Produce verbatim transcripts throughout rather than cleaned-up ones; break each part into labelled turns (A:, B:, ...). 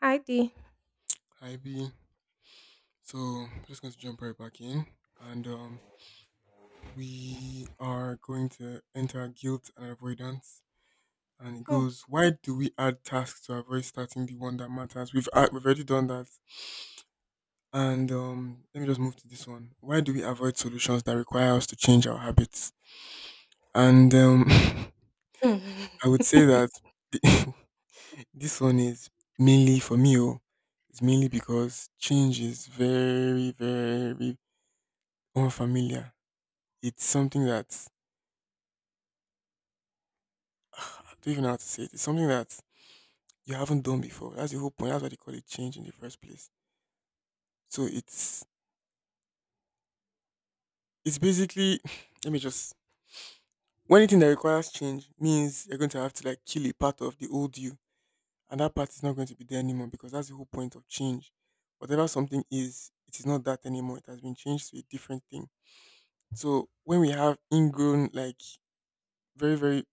A: I did.
B: Hi B. So just going to jump right back in, and um, we are going to enter guilt and avoidance. And it goes, why do we add tasks to avoid starting the one that matters? We've a- we've already done that. And um, Let me just move to this one. Why do we avoid solutions that require us to change our habits? And um, I would say that the- this one is mainly for me. Oh, it's mainly because change is very very unfamiliar. It's something that I don't even know how to say it. It's something that you haven't done before. That's the whole point. That's why they call it change in the first place. So it's it's basically let me just, when anything that requires change, means you're going to have to like kill a part of the old you, and that part is not going to be there anymore because that's the whole point of change. Whatever something is, it is not that anymore. It has been changed to a different thing. So when we have ingrown, like very very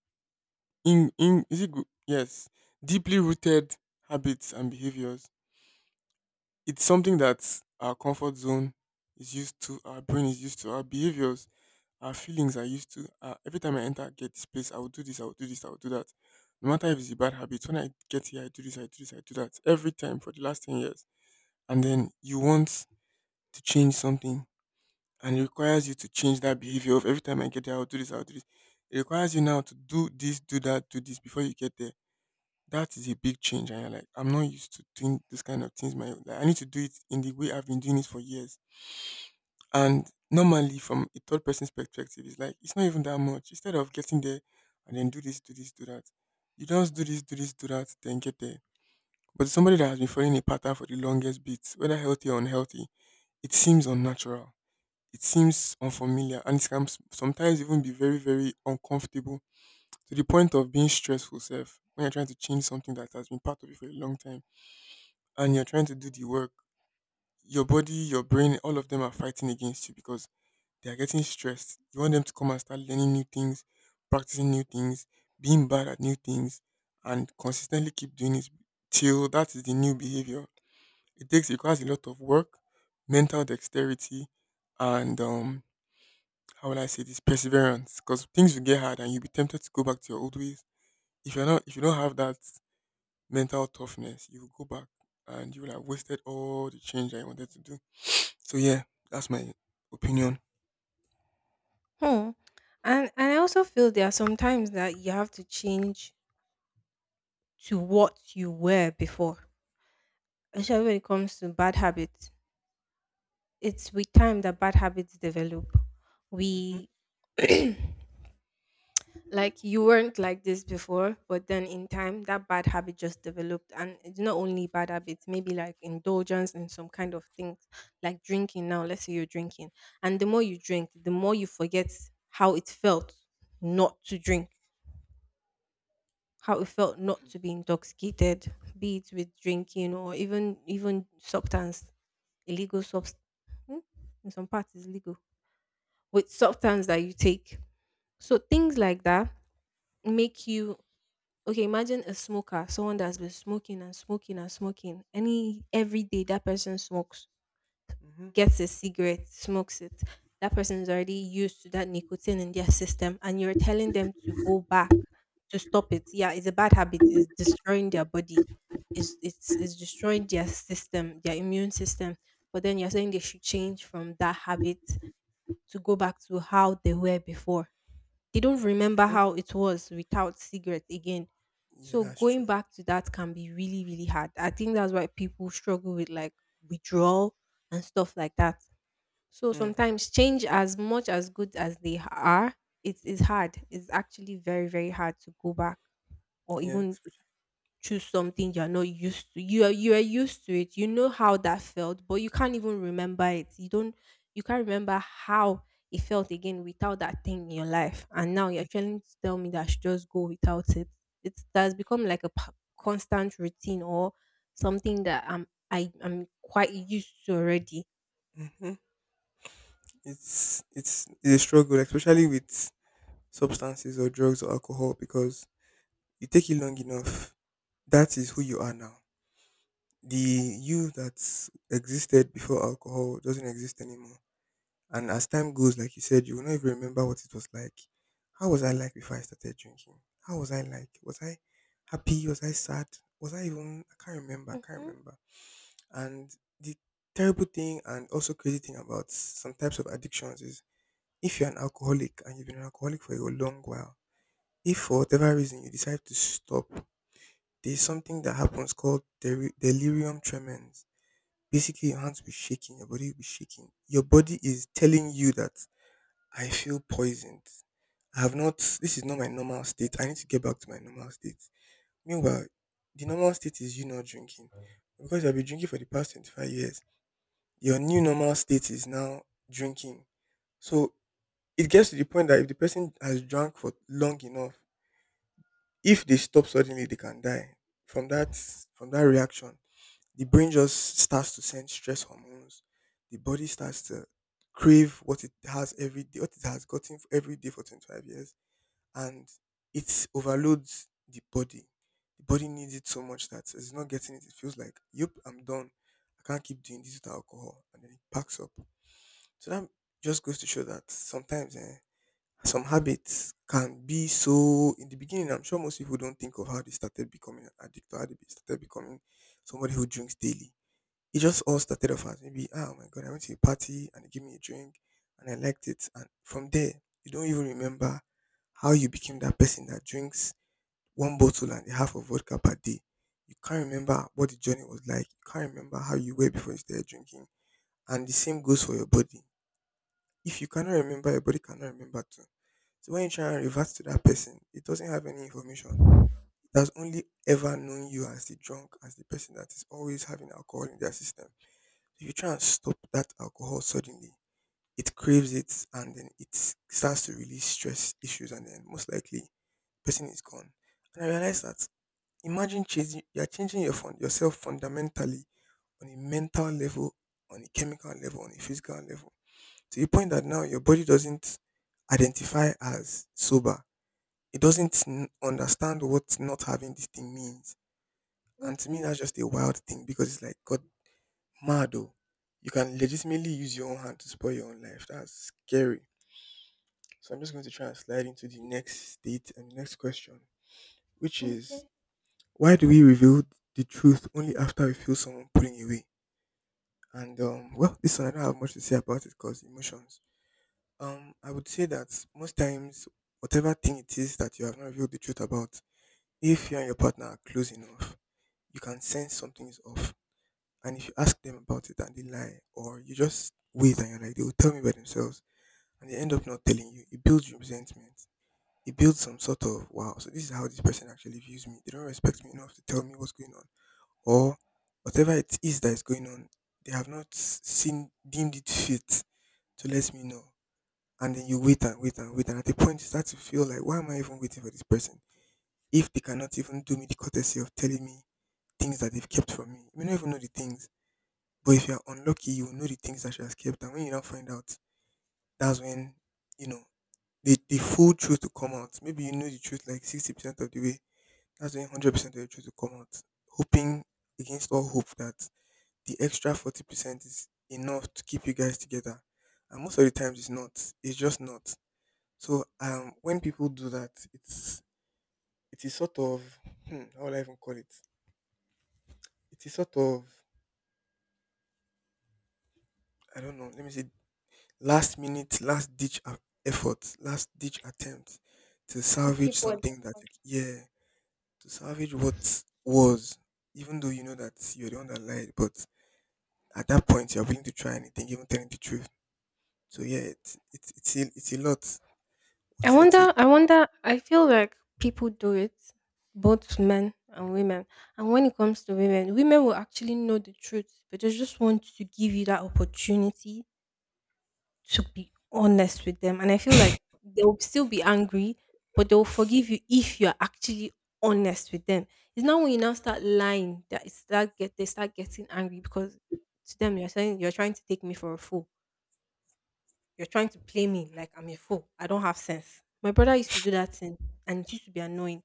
B: in in is it gr- yes, deeply rooted habits and behaviors, it's something that our comfort zone is used to, our brain is used to, our behaviors, our feelings are used to. Uh, every time I enter, I get this place, I will do this, I will do this, I will do that. No matter if it's a bad habit, when I get here, I do this, I do this, I do that. Every time for the last ten years. And then you want to change something, and it requires you to change that behavior of every time I get there, I'll do this, I'll do this. It requires you now to do this, do that, do this before you get there. That is a big change, and you're like, I'm not used to doing this kind of things. My like, I need to do it in the way I've been doing it for years. And normally, from a third person's perspective, it's like it's not even that much. Instead of getting there and then do this, do this, do that, you just do this, do this, do that, then get there. But somebody that has been following a pattern for the longest bit, whether healthy or unhealthy, it seems unnatural. It seems unfamiliar, and it can s- sometimes even be very, very uncomfortable to the point of being stressful. Self when you're trying to change something that has been part of you for a long time and you're trying to do the work, your body, your brain, all of them are fighting against you because they are getting stressed. You want them to come and start learning new things, practicing new things, being bad at new things, and consistently keep doing it till that is the new behavior. It takes requires a lot of work, mental dexterity, and um, how will I say this, perseverance? Because things will get hard, and you'll be tempted to go back to your old ways. If you're not, if you don't have that mental toughness, you will go back and you will have wasted all the change that you wanted to do. So yeah, that's my opinion.
A: Hmm. And and I also feel there are some times that you have to change to what you were before. Especially when it comes to bad habits. It's with time that bad habits develop.
B: Mm-hmm,
A: We like you weren't like this before, but then in time that bad habit just developed, and it's not only bad habits, maybe like indulgence in some kind of things, like drinking now. Let's say you're drinking. And the more you drink, the more you forget how it felt not to drink, how it felt not to be intoxicated, be it with drinking or even even substance, illegal substance. In some parts, is legal with substance that you take. So things like that make you okay. Imagine a smoker, someone that's been smoking and smoking and smoking. Any Every day that person smokes,
B: mm-hmm.
A: gets a cigarette, smokes it, that person is already used to that nicotine in their system, and you're telling them to go back to stop it. Yeah, it's a bad habit. It's destroying their body. It's it's it's destroying their system, their immune system. But then you're saying they should change from that habit to go back to how they were before. They don't remember how it was without cigarette again.
B: Yeah,
A: So
B: that's true.
A: going back to that can be really, really hard. I think that's why people struggle with like withdrawal and stuff like that. So
B: Hmm.
A: sometimes change, as much as good as they are, it is hard. It's actually very, very hard to go back or
B: Yeah,
A: even choose something you're not used to. You are you are used to it. You know how that felt, but you can't even remember it. You don't you can't remember how it felt again without that thing in your life. And now you're trying to tell me that I should just go without it. It that's become like a p- constant routine or something that I'm I, I'm quite used to already.
B: mm-hmm. it's it's it's a struggle, especially with substances or drugs or alcohol, because you take it long enough, that is who you are now. The you that existed before alcohol doesn't exist anymore. And as time goes, like you said, you will not even remember what it was like. How was I like before I started drinking? How was I like? Was I happy? Was I sad? Was I even? I can't remember. I can't
A: Mm-hmm.
B: remember. And the terrible thing and also crazy thing about some types of addictions is if you're an alcoholic and you've been an alcoholic for a long while, if for whatever reason you decide to stop, there's something that happens called deri- delirium tremens. Basically, your hands will be shaking, your body will be shaking. Your body is telling you that I feel poisoned. I have not, this is not my normal state. I need to get back to my normal state. Meanwhile, the normal state is you not drinking. Because I've been drinking for the past twenty-five years, your new normal state is now drinking. So it gets to the point that if the person has drunk for long enough, if they stop suddenly, they can die from that, from that reaction. The brain just starts to send stress hormones. The body starts to crave what it has every day, what it has gotten every day for twenty-five years, and it overloads the body. The body needs it so much that it's not getting it. It feels like, yep, I'm done. I can't keep doing this with alcohol, and then it packs up. So that just goes to show that sometimes eh, some habits can be so. In the beginning, I'm sure most people don't think of how they started becoming an addict or how they be- started becoming somebody who drinks daily. It just all started off as maybe, ah, oh my God, I went to a party and they gave me a drink and I liked it. And from there, you don't even remember how you became that person that drinks one bottle and a half of vodka per day. You can't remember what the journey was like. You can't remember how you were before you started drinking. And the same goes for your body. If you cannot remember, your body cannot remember too. So when you try and revert to that person, it doesn't have any information. It has only ever known you as the drunk, as the person that is always having alcohol in their system. So if you try and stop that alcohol suddenly, it craves it and then it starts to release stress issues and then most likely person is gone. And I realized that, imagine changing, you're changing your fun, yourself fundamentally on a mental level, on a chemical level, on a physical level, to the point that now your body doesn't identify as sober. It doesn't n- understand what not having this thing means. And to me,
A: Mm-hmm.
B: that's just a wild thing because it's like, God, mad oh. You can legitimately use your own hand to spoil your own life. That's scary. So I'm just going to try and slide into the next state and the next question, which is,
A: Okay.
B: why do we reveal the truth only after we feel someone pulling away? And um, Well, this one I don't have much to say about it because emotions. Um, I would say that most times, whatever thing it is that you have not revealed the truth about, if you and your partner are close enough, you can sense something is off. And if you ask them about it and they lie, or you just wait and you're like, they will tell me by themselves, and they end up not telling you, it builds resentment. It builds some sort of, wow, so this is how this person actually views me. They don't respect me enough to tell me what's going on. Or whatever it is that is going on, they have not seen, deemed it fit to let me know, and then you wait and wait and wait, and at a point you start to feel like, why am I even waiting for this person if they cannot even do me the courtesy of telling me things that they've kept from me? You may not even know the things, but if you're unlucky, you will know the things that she has kept, and when you don't find out, that's when you know the, the full truth to come out. Maybe you know the truth like sixty percent of the way, that's when one hundred percent of the truth will come out, hoping against all hope that the extra forty percent is enough to keep you guys together, and most of the times it's not. It's just not. So um, when people do that, it's, it is sort of, hmm, how will I even call it? It is sort of, I don't know. Let me say, last minute, last ditch a- effort, last ditch attempt to
A: To
B: salvage
A: keep what they
B: something that
A: want.
B: you, yeah, to salvage what was, even though you know that you're the one that lied. But at that point, you're willing to try anything, even telling the truth. So yeah, it's it's it's a, it's a lot.
A: I
B: What's your take?
A: wonder, I wonder, I feel like people do it, both men and women. And when it comes to women, women will actually know the truth, but they just want to give you that opportunity to be honest with them. And I feel like they'll still be angry, but they'll forgive you if you're actually honest with them. It's not when you now start lying that it start get they start getting angry, because to them you're saying you're trying to take me for a fool. You're trying to play me like I'm a fool. I don't have sense. My brother used to do that thing, and it used to be annoying.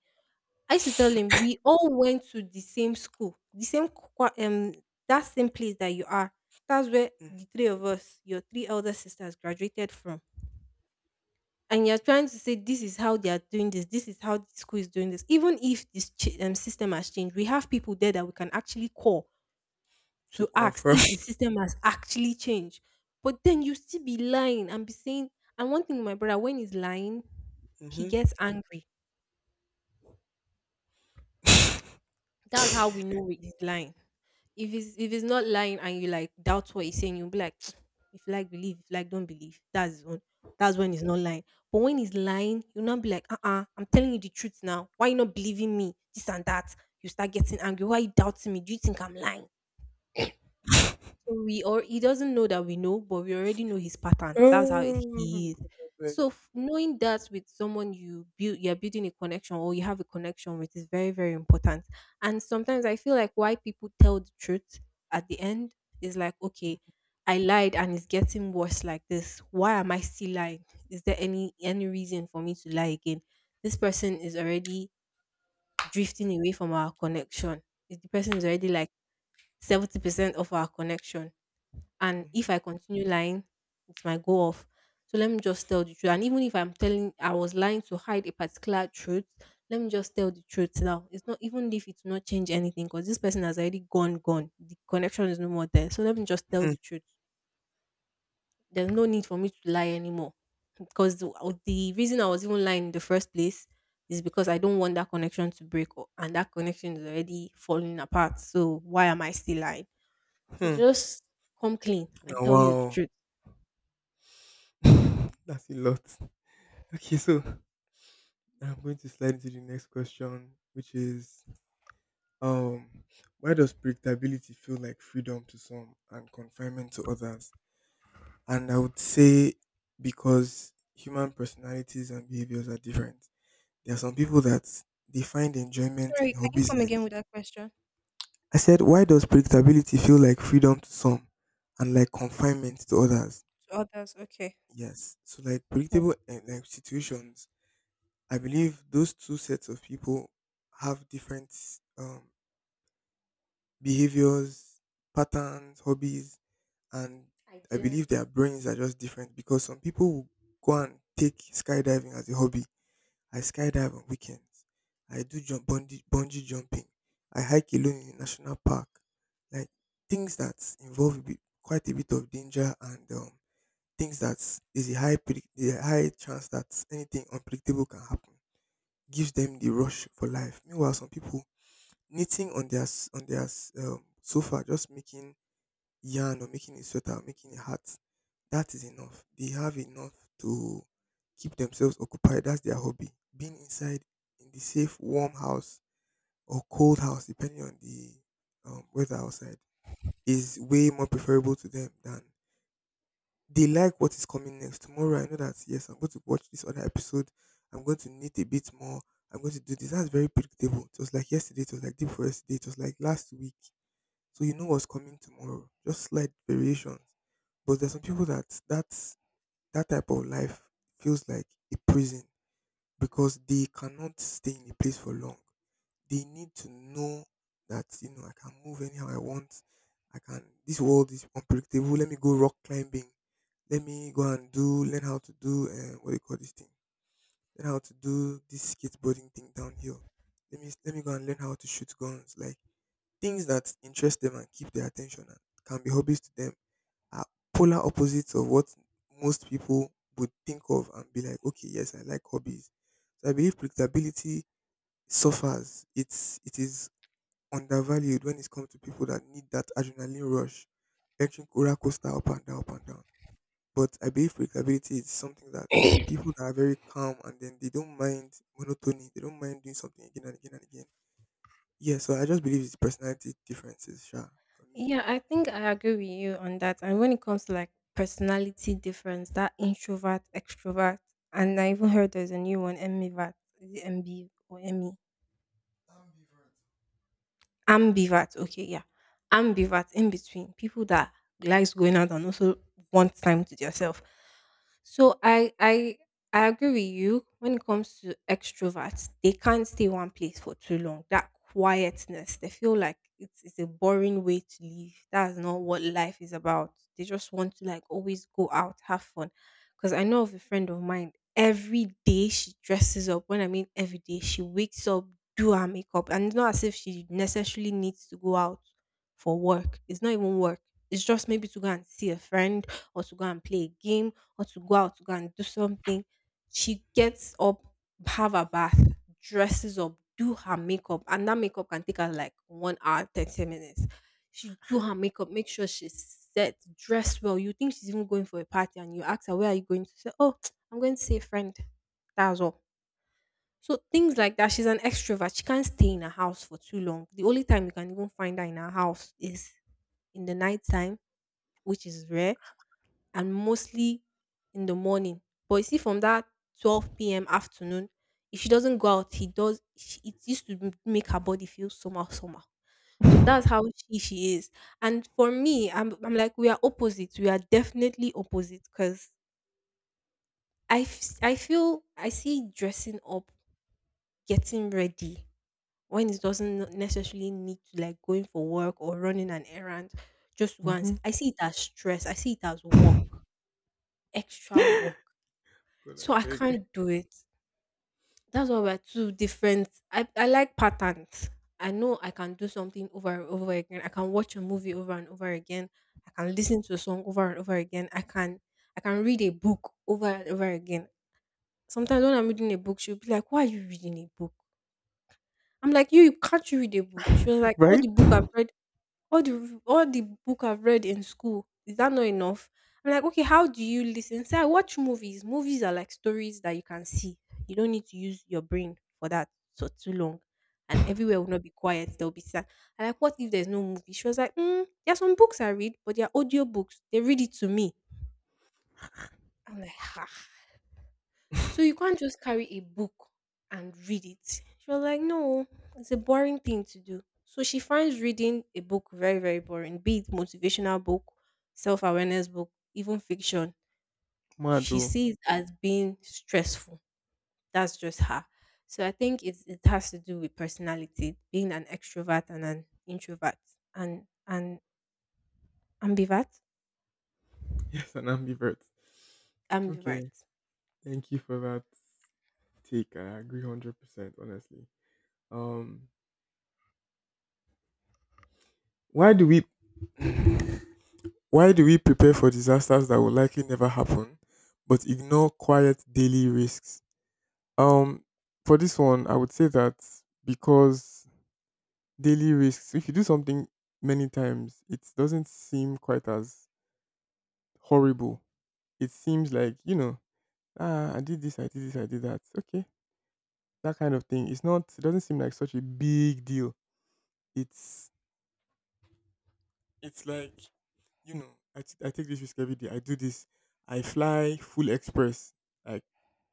A: I used to tell him, we all went to the same school, the same qua- um that same place that you are. That's where
B: Mhm.
A: the three of us, your three elder sisters, graduated from. And you're trying to say this is how they are doing this, this is how the school is doing this. Even if this ch- um, system has changed, we have people there that we can actually call
B: To
A: to ask
B: confirm.
A: if the system has actually changed. But then you still be lying and be saying, and one thing with my brother, when he's lying, he
B: hmm.
A: gets angry. That's how we know he's lying. If he's if he's not lying and you like doubt what he's saying, you'll be like, if you like believe, if you like don't believe. That's his own. That's when he's not lying. But when he's lying, you'll not be like, uh uh-uh, uh, I'm telling you the truth now. Why you not believing me? This and that. You start getting angry. Why you doubting me? Do you think I'm lying? So we, or he doesn't know that we know, but we already know his pattern. That's how
B: Oh,
A: he is.
B: God, I beg.
A: So f- knowing that with someone you build, you're building a connection or you have a connection with, is very, very important. And sometimes I feel like why people tell the truth at the end is like, okay, I lied and it's getting worse like this. Why am I still lying? Is there any any reason for me to lie again? This person is already drifting away from our connection. The person is already like seventy percent of our connection, and if
B: Mhm.
A: I continue lying, it might go off. So let me just tell the truth. And even if I'm telling I was lying to hide a particular truth, let me just tell the truth now. It's not, even if it's not change anything, because this person has already gone, gone. The connection is no more there. So let me just tell
B: Mhm.
A: the truth. There's no need for me to lie anymore. Because the, uh, the reason I was even lying in the first place is because I don't want that connection to break up, and that connection is already falling apart. So why am I still lying? So
B: Hmm.
A: just come clean and tell you the
B: Oh,
A: truth.
B: wow. That's a lot. Okay, so I'm going to slide into the next question, which is, um why does predictability feel like freedom to some and confinement to others? And I would say because human personalities and behaviors are different. There are some people that they find enjoyment
A: Sorry,
B: in
A: can you
B: hobbies
A: come
B: like
A: again with that question?
B: I said, why does predictability feel like freedom to some and like confinement to others?
A: To others? Okay.
B: Yes. So like
A: Hmm.
B: predictable eh, like situations I believe those two sets of people have different um, behaviors, patterns, hobbies, and I believe
A: Ideas.
B: their brains are just different because some people will go and take skydiving as a hobby. I skydive on weekends. I do jump bungee, bungee jumping. I hike alone in a national park. Like things that involve a bit, quite a bit of danger and um, things that is a high predict- a high chance that anything unpredictable can happen gives them the rush for life. Meanwhile, some people knitting on their s- on their s- um, sofa, just making yarn or making a sweater or making a hat, that is enough. They have enough to keep themselves occupied. That's their hobby. Being inside in the safe, warm house or cold house, depending on the um, weather outside, is way more preferable to them than they like what is coming next. Tomorrow I know that yes, I'm going to watch this other episode. I'm going to knit a bit more. I'm going to do this. That's very predictable. It was like yesterday, it was like day before yesterday, it was like last week. So you know what's coming tomorrow. Just slight variations. But there's some people that that's that type of life feels like a prison because they cannot stay in a place for long. They need to know that, you know, I can move anyhow I want. I can this world is unpredictable. Let me go rock climbing. Let me go and do learn how to do uh, what do you call this thing? Learn how to do this skateboarding thing downhill. Let me let me go and learn how to shoot guns. Like things that interest them and keep their attention and can be hobbies to them are polar opposites of what most people would think of and be like, okay, yes, I like hobbies. So I believe predictability suffers. It's it is undervalued when it comes to people that need that adrenaline rush, electric roller coaster up and down, up and down. But I believe predictability is something that people that are very calm and then they don't mind monotony, they don't mind doing something again and again and again. Yeah, so I just believe it's personality differences, sure, for me.
A: Yeah, I think I agree with you on that. And when it comes to like personality difference, that introvert, extrovert, and I even heard there's a new one, M E V A T, is it M B or M E? Ambivert, okay, yeah. Ambivert, in between. People that likes going out and also wants time to themselves. So I I I agree with you when it comes to extroverts, they can't stay one place for too long. That quietness, they feel like it's, it's a boring way to live. That's not what life is about. They just want to like always go out, have fun. Because I know of a friend of mine, every day she dresses up. When I mean every day, she wakes up, do her makeup. And it's not as if she necessarily needs to go out for work. It's not even work. It's just maybe to go and see a friend, or to go and play a game, or to go out to go and do something. She gets up, have a bath, dresses up, do her makeup, and that makeup can take her like one hour, thirty minutes. She do her makeup, make sure she's set, dressed well. You think she's even going for a party, and you ask her, where are you going to say? Oh, I'm going to see a friend. That's all. So things like that. She's an extrovert. She can't stay in her house for too long. The only time you can even find her in her house is in the night time, which is rare, and mostly in the morning. But you see, from that twelve p m afternoon, if she doesn't go out, he does. She, it used to m- make her body feel somehow, somehow. So
B: Ambivert.
A: that's how she, she is. And for me, I'm, I'm like, we are opposites. We are definitely opposite. Because I, f- I feel, I see dressing up, getting ready, when it doesn't necessarily need to like going for work or running an errand, just once,
B: Mhm.
A: I see it as stress, I see it as work, extra work,
B: God, I
A: so I
B: beg.
A: can't do it. That's why we're two different. i, I like patterns. I know I can do something over and over again. I can watch a movie over and over again. I can listen to a song over and over again. i can I can read a book over and over again. Sometimes when I'm reading a book, she'll be like, why are you reading a book? I'm like, you can't you read a book? She was like, all
B: Right?
A: the book I've read, all the all the book I've read in school, is that not enough? I'm like, "Okay, how do you listen?" Say, "I watch movies." Movies are like stories that you can see. You don't need to use your brain for that for too long, and everywhere will not be quiet, there will be silence. I'm like, "What if there's no movie?" She was like, "Mm, there are some books I read, but they are audio books. They read it to me." I'm like, ha. So you can't just carry a book and read it. She was like, no, it's a boring thing to do. So she finds reading a book very, very boring, be it motivational book, self awareness book, even fiction. She
B: Mado.
A: sees as being stressful. That's just her. So I think it's, it has to do with personality, being an extrovert and an introvert and an ambivert.
B: Yes, an ambivert. Okay.
A: Ambivert.
B: Thank you for that take. I agree one hundred percent, honestly. Um why do we why do we prepare for disasters that will likely never happen, but ignore quiet daily risks? Um, for this one, I would say that because daily risks, if you do something many times, it doesn't seem quite as horrible. It seems like, you know, ah, I did this, I did this, I did that. Okay. That kind of thing. It's not, it doesn't seem like such a big deal. It's, it's like, you know, I t- I take this risk every day. I do this. I fly full express, like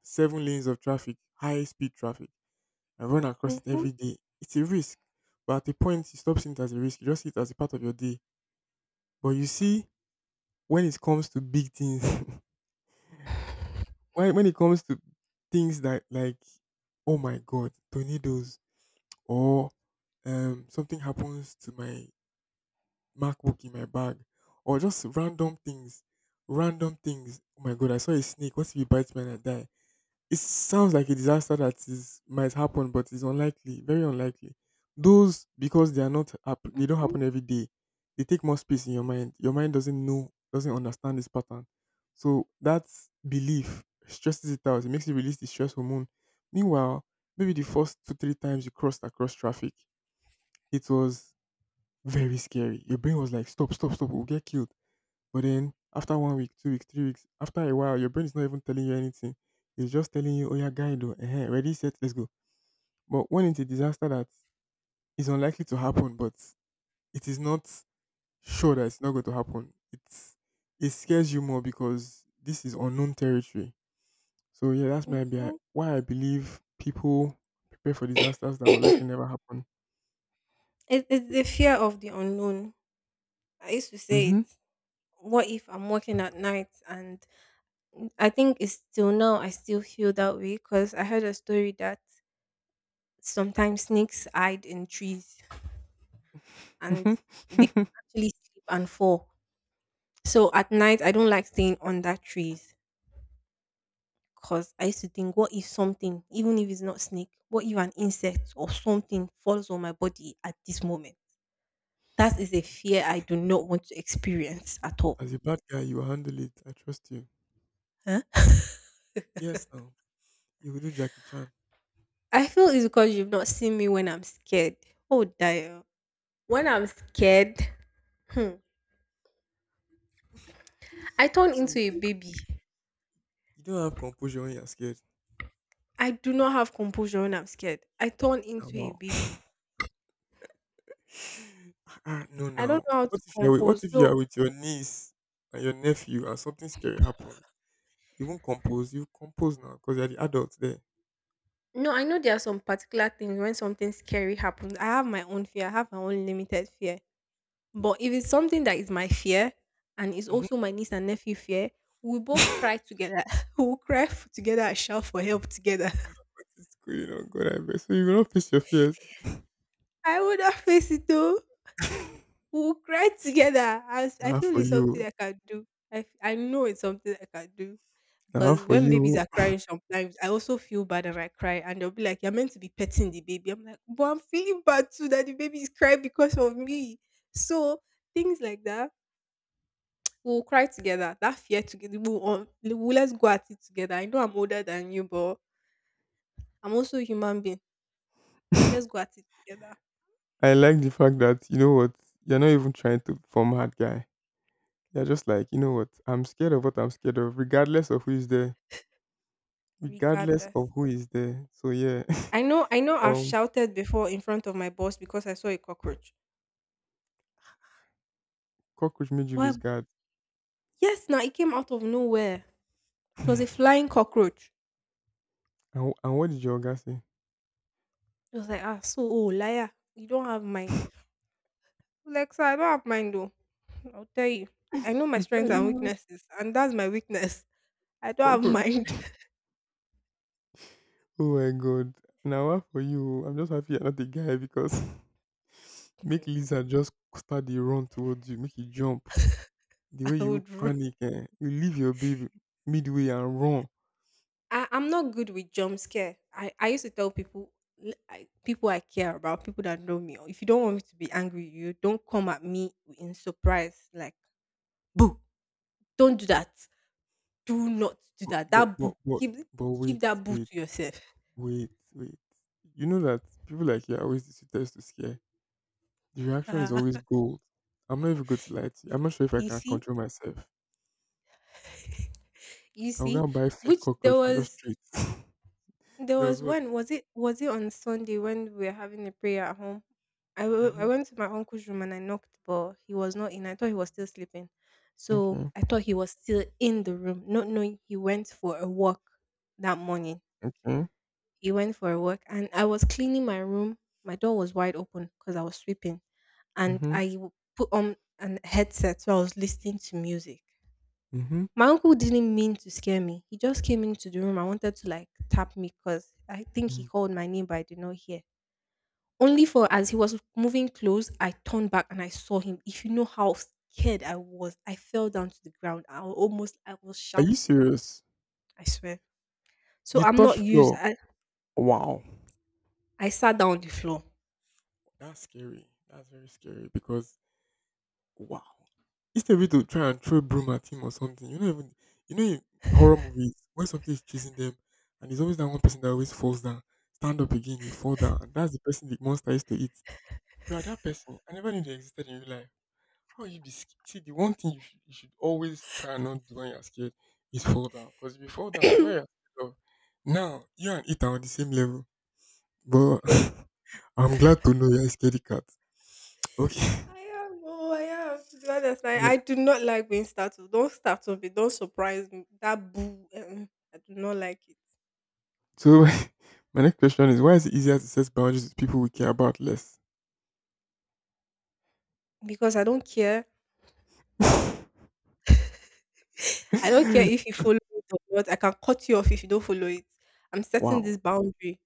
B: seven lanes of traffic, high speed traffic. And run across it
A: Mm-hmm.
B: every day, it's a risk. But at a point, you stop seeing it as a risk. You just see it as a part of your day. But you see, when it comes to big things, when when it comes to things that like, oh my god, tornadoes, or um something happens to my MacBook in my bag, or just random things, random things. Oh my god, I saw a snake. What if it bites me and I die? It sounds like a disaster that is might happen, but it's unlikely, very unlikely. Those because they are not hap- they don't
A: Mm-hmm.
B: happen every day. They take more space in your mind. Your mind doesn't know, doesn't understand this pattern. So that belief stresses it out. It makes you release the stress hormone. Meanwhile, maybe the first two three times you crossed across traffic, it was very scary. Your brain was like, stop, stop, stop, we'll get killed. But then after one week, two weeks, three weeks, after a while, your brain is not even telling you anything. It's just telling you, oh yeah, guide, oh, eh, ready, set, let's go. But when it's a disaster that is unlikely to happen, but it is not sure that it's not going to happen, it's it scares you more because this is unknown territory. So yeah, that's my be-
A: Mm-hmm.
B: why I believe people prepare for disasters that will likely
A: It,
B: never happen.
A: it's the fear of the unknown. I used to say it.
B: Hmm.
A: What if I'm working at night? And I think it's till now I still feel that way, because I heard a story that sometimes snakes hide in trees, and
B: Hmm.
A: they actually sleep and fall. So at night I don't like staying under trees because I used to think, what if something, even if it's not snake, what if an insect or something falls on my body at this moment? That is a fear I do not want to experience at all.
B: As a bad guy, you will handle it. I trust you. Yes, now you will do Jackie Chan.
A: I feel it's because you've not seen me when I'm scared. Oh, dear. When I'm scared, hmm, I turn
B: So
A: into a baby.
B: you don't have composure when you're scared.
A: I do not have composure when I'm scared. I turn
B: Ah,
A: into a
B: wow.
A: baby.
B: Ah, ah, no,
A: I don't
B: now.
A: know how to
B: What if you're with, what
A: compose.
B: if you
A: So,
B: are with your niece and your nephew and something scary happens? You won't compose. You compose now because you're the adult there.
A: no, I know there are some particular things when something scary happens. I have my own fear, I have my own limited fear. But if it's something that is my fear and is
B: Hmm.
A: also my niece and nephew fear, we both cry together. We'll cry f- together and shout for help together.
B: It's going on, God, I bet. So you will not face your fears.
A: I would not face it though. We will cry together. I was- I
B: Nah,
A: feel
B: for
A: it's something
B: you.
A: I can do. I, f- I know it's something I can do.
B: Nah,
A: Because
B: for
A: when babies
B: you.
A: are crying sometimes, I also feel bad and I cry. And they'll be like, "You're meant to be petting the baby." I'm like, "But I'm feeling bad too that the baby is crying because of me." So things like that. We'll cry together. That fear together. We'll, um, we'll let's go at it together. I know I'm older than you, but I'm also a human being. Let's go at it together,
B: I like the fact that you know what you're not even trying to form hard guy. You're just like you know what I'm scared of. What I'm scared of, regardless of who is there, regardless of
A: regardless.
B: who is there. So yeah.
A: I know I know I've
B: Um.
A: shouted before in front of my boss because I saw a cockroach.
B: Cockroach made you lose
A: Well,
B: guard.
A: yes, now it came out of nowhere. It was a
B: and,
A: flying cockroach.
B: and what did your guy say?
A: It was like, "Ah, so oh liar, you don't have mind." Like, "Sir, I don't have mind though. I'll tell you. I know my
B: Can
A: strengths and
B: you imagine
A: weaknesses, and that's my weakness." I don't have
B: cockroach?
A: mind.
B: Oh my god. Now ah, for you, I'm just happy you're not a guy because make lizard just start the run towards you, make you jump. The way
A: I
B: you
A: would. ru-
B: panic, eh? You leave your baby midway and run.
A: I am not good with jump scare. I, I used to tell people, l- I, people I care about, people that know me. "Oh, if you don't want me to be angry, you don't come at me in surprise. Like, boo! Don't do that. Do not do
B: But
A: that.
B: but
A: That
B: but
A: book,
B: but
A: keep
B: but wait,
A: keep that book
B: wait,
A: to yourself."
B: wait, wait. You know that people like you are always the sweetest to scare. The reaction is
A: Ah,
B: always gold. I'm not even going to lie to you. I'm not sure if I
A: you
B: can
A: see,
B: control myself.
A: you
B: I will go
A: see,
B: and buy fake
A: which there
B: cockroach and just
A: was
B: treat.
A: there
B: There was
A: was
B: what?
A: one was it was it on Sunday when we were having a prayer at home. I w- I
B: Hmm.
A: went to my uncle's room and I knocked, but he was not in. I thought he was still sleeping, so
B: Okay.
A: I thought he was still in the room, not knowing he went for a walk that morning.
B: Okay.
A: He went for a walk, and I was cleaning my room. My door was wide open because I was sweeping. And
B: Mm-hmm.
A: I w- put on an headset so I was listening to music.
B: Mm-hmm.
A: My uncle didn't mean to scare me. He just came into the room. I wanted to like tap me because I think he
B: Mm.
A: called my name, but I did not hear. Only for as he was moving close, I turned back and I saw him. If you know how scared I was, I fell down to the ground. I wa- almost I was
B: Are you
A: shouting.
B: serious?
A: I swear. So
B: You
A: I'm not
B: touch
A: used.
B: floor.
A: I,
B: Wow.
A: I sat down on the floor.
B: That's scary. That's very scary because wow. Instead of you to try and throw broom at him or something, you know even you know in horror movies when something is chasing them and there's always that one person that always falls down. Stand up again, you fall down, and that's the person the monster used to eat. You are that person. I never knew they existed in real life. How will you be sc- see the one thing you should, you should always try and not do when you're scared is fall down. Because if you fall down, whatever you're scared of, now you and it are on the same level. But I'm glad to know you're a scaredy cat. Okay.
A: I am. Oh, I am. To be honest,
B: So
A: like
B: my,
A: I do not like being startled. Don't startle me. Don't surprise me. That boo. Uh-uh, I do not like it
B: so my next question is why is it easier to set boundaries with people we care about less?
A: because I don't care.
B: Wow.
A: I don't care if you follow it or not. I can cut you off if you don't follow it. I'm setting this boundary.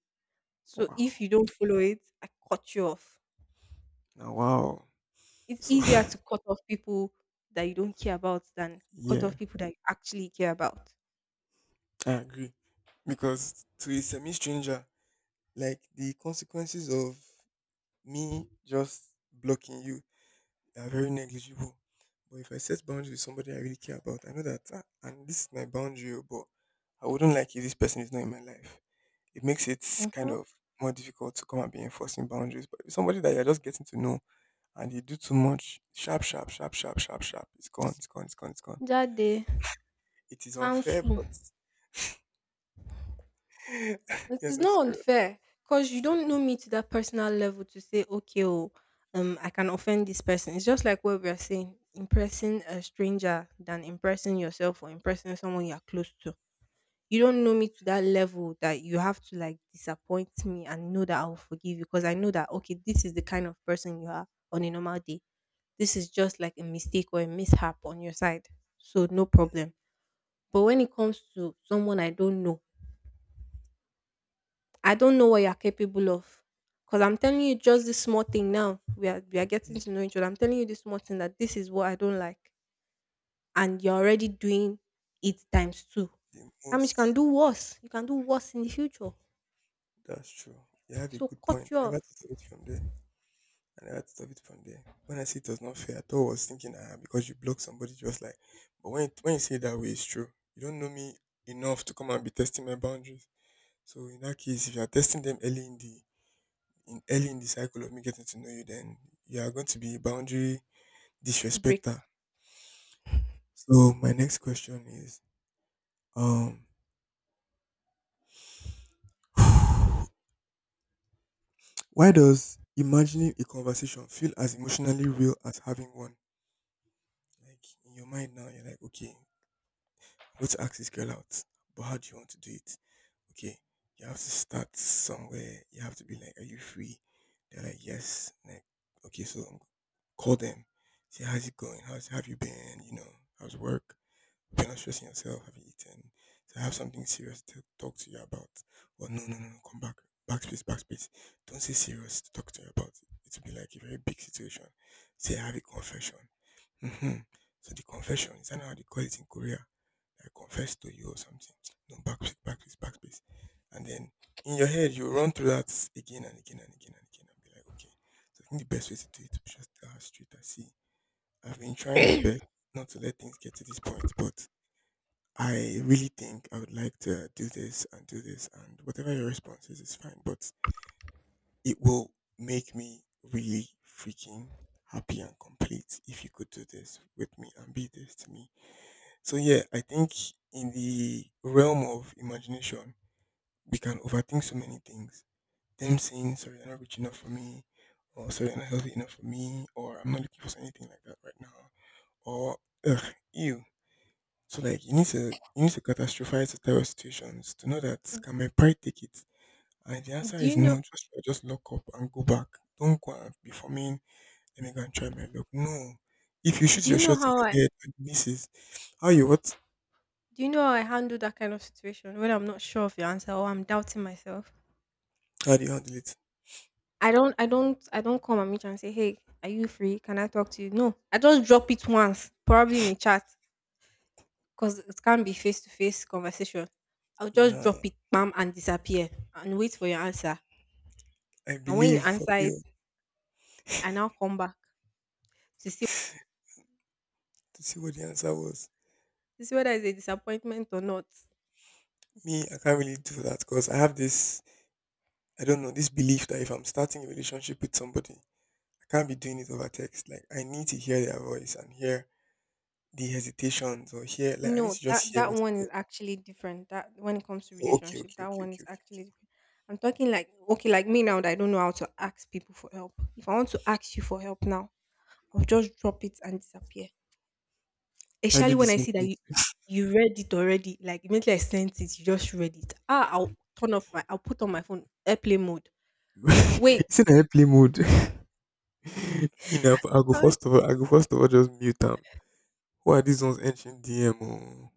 A: So
B: Wow.
A: if you don't follow it, I cut you off.
B: Now wow.
A: It's
B: So
A: easier to cut off people that you don't care about than cut off
B: yeah,
A: people that you actually care about.
B: I agree. Because to a semi stranger, like the consequences of me just blocking you are very negligible. But if I set boundaries with somebody I really care about, I know that, ah, and this is my boundary, oh, but I wouldn't like if this person is not in my life. It makes it kind
A: Mm-hmm.
B: of more difficult to come and be enforcing boundaries. But if somebody that you're just getting to know and you do too much, sharp, sharp, sharp, sharp, sharp, sharp, it's gone, it's gone, it's gone, it's gone.
A: That day,
B: It is unfair,
A: counsel.
B: but
A: It
B: you're
A: is
B: not
A: not
B: serious.
A: unfair because you don't know me to that personal level to say, okay, oh, um, I can offend this person. It's just like what we are saying, impressing a stranger than impressing yourself or impressing someone you are close to. You don't know me to that level that you have to like disappoint me and know that I will forgive you because I know that, okay, this is the kind of person you are on a normal day. This is just like a mistake or a mishap on your side. So, no problem. But when it comes to someone I don't know, I don't know what you're capable of. Because I'm telling you just this small thing now. We are we are getting to know each other. I'm telling you this small thing that this is what I don't like. And you're already doing it times two.
B: The
A: That means you can
B: most,
A: do worse. You can do worse in the future.
B: that's true. You have a
A: So
B: good
A: cut
B: point.
A: you
B: I
A: off.
B: never thought of it from there. And I had to stop it from there. When I see it was not fair, I thought I was thinking, ah, because you block somebody just like but when it, when you say it that way, it's true. You don't know me enough to come and be testing my boundaries. So in that case, if you are testing them early in the in early in the cycle of me getting to know you, then you are going to be a boundary
A: Breaker.
B: disrespecter. So my next question is, um, why does imagining a conversation feel as emotionally real as having one? Like in your mind now, you're like, okay, I want to ask this girl out, but how do you want to do it? Okay, you have to start somewhere. You have to be like, are you free? They're like, yes. Like, okay, so um, call them. See how's it going? How's have you been? You know, how's work? You're not stressing yourself. Have you eaten? So I have something serious to talk to you about. Well, no, no, no, no. Come back. Backspace, backspace. Don't say serious to talk to you about. It will be like a very big situation. Say I have a confession. Mhm. So the confession, is that how they call it in Korea? I confess to you or something. No, backspace, backspace, backspace. And then in your head, you run through that again and again and again and again and be like, okay. So I think the best way to do it is just tell her straight and see. I've been trying my best not to let things get to this point, but I really think I would like to uh, do this and do this and whatever your response is, is fine. But it will make me really freaking happy and complete if you could do this with me and be this to me so yeah, I think in the realm of imagination, we can overthink so many things. Them saying, sorry, you're not rich enough for me, or sorry, you're not healthy enough for me, or I'm not looking for anything like that right now, or ugh, you. So like you need to you need to catastrophize the terror situations to know that can my pride take it? And if the answer
A: Do you
B: is no,
A: know
B: just just lock up and go back. Don't go and be forming, let me go and try my luck. No. If you shoot
A: do you
B: your
A: know
B: shot in
A: how I
B: your head and it misses, how you what?
A: do you know how I handle that kind of situation when I'm not sure of your answer or I'm doubting myself?
B: How do you handle it?
A: I don't I don't I don't come at me and say, "Hey, are you free? Can I talk to you?" No. I just drop it once, probably in a chat. 'Cause it can't be face to face conversation. I'll just
B: Nah,
A: drop it, bam, and disappear and wait for your answer.
B: I
A: And when you
B: believe for
A: answer
B: me
A: it,
B: oh,
A: I now come back to see
B: to see what the answer was.
A: to see whether it's a disappointment or not.
B: Me, I can't really do that because I have this, I don't know, this belief that if I'm starting a relationship with somebody, I can't be doing it over text. Like, I need to hear their voice and hear the hesitations or hear, like, I need
A: No,
B: to just
A: that
B: hear
A: that
B: what's
A: one is
B: good.
A: actually different. That when it comes to
B: Oh, okay,
A: relationship,
B: okay,
A: that
B: okay,
A: one
B: okay,
A: is
B: okay.
A: actually different. I'm talking like okay, like me now that I don't know how to ask people for help. If I want to ask you for help now, I'll just drop it and disappear.
B: I
A: Especially
B: do the
A: when I
B: same
A: see that
B: thing.
A: you you read it already, like immediately I sent it, you just read it. Ah, I'll turn off my I'll put on my phone airplane mode. Wait.
B: It's in a play mode. You know, I go
A: Uh,
B: first of all, I go first of all just mute them. Who are these ones entering D M?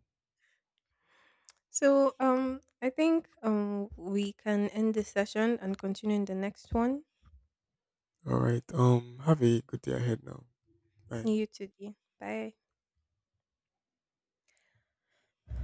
A: so um I think um we can end this session and continue in the next one.
B: Oh, all right. Um, have a good day ahead now. Bye.
A: You too. Dee. Bye.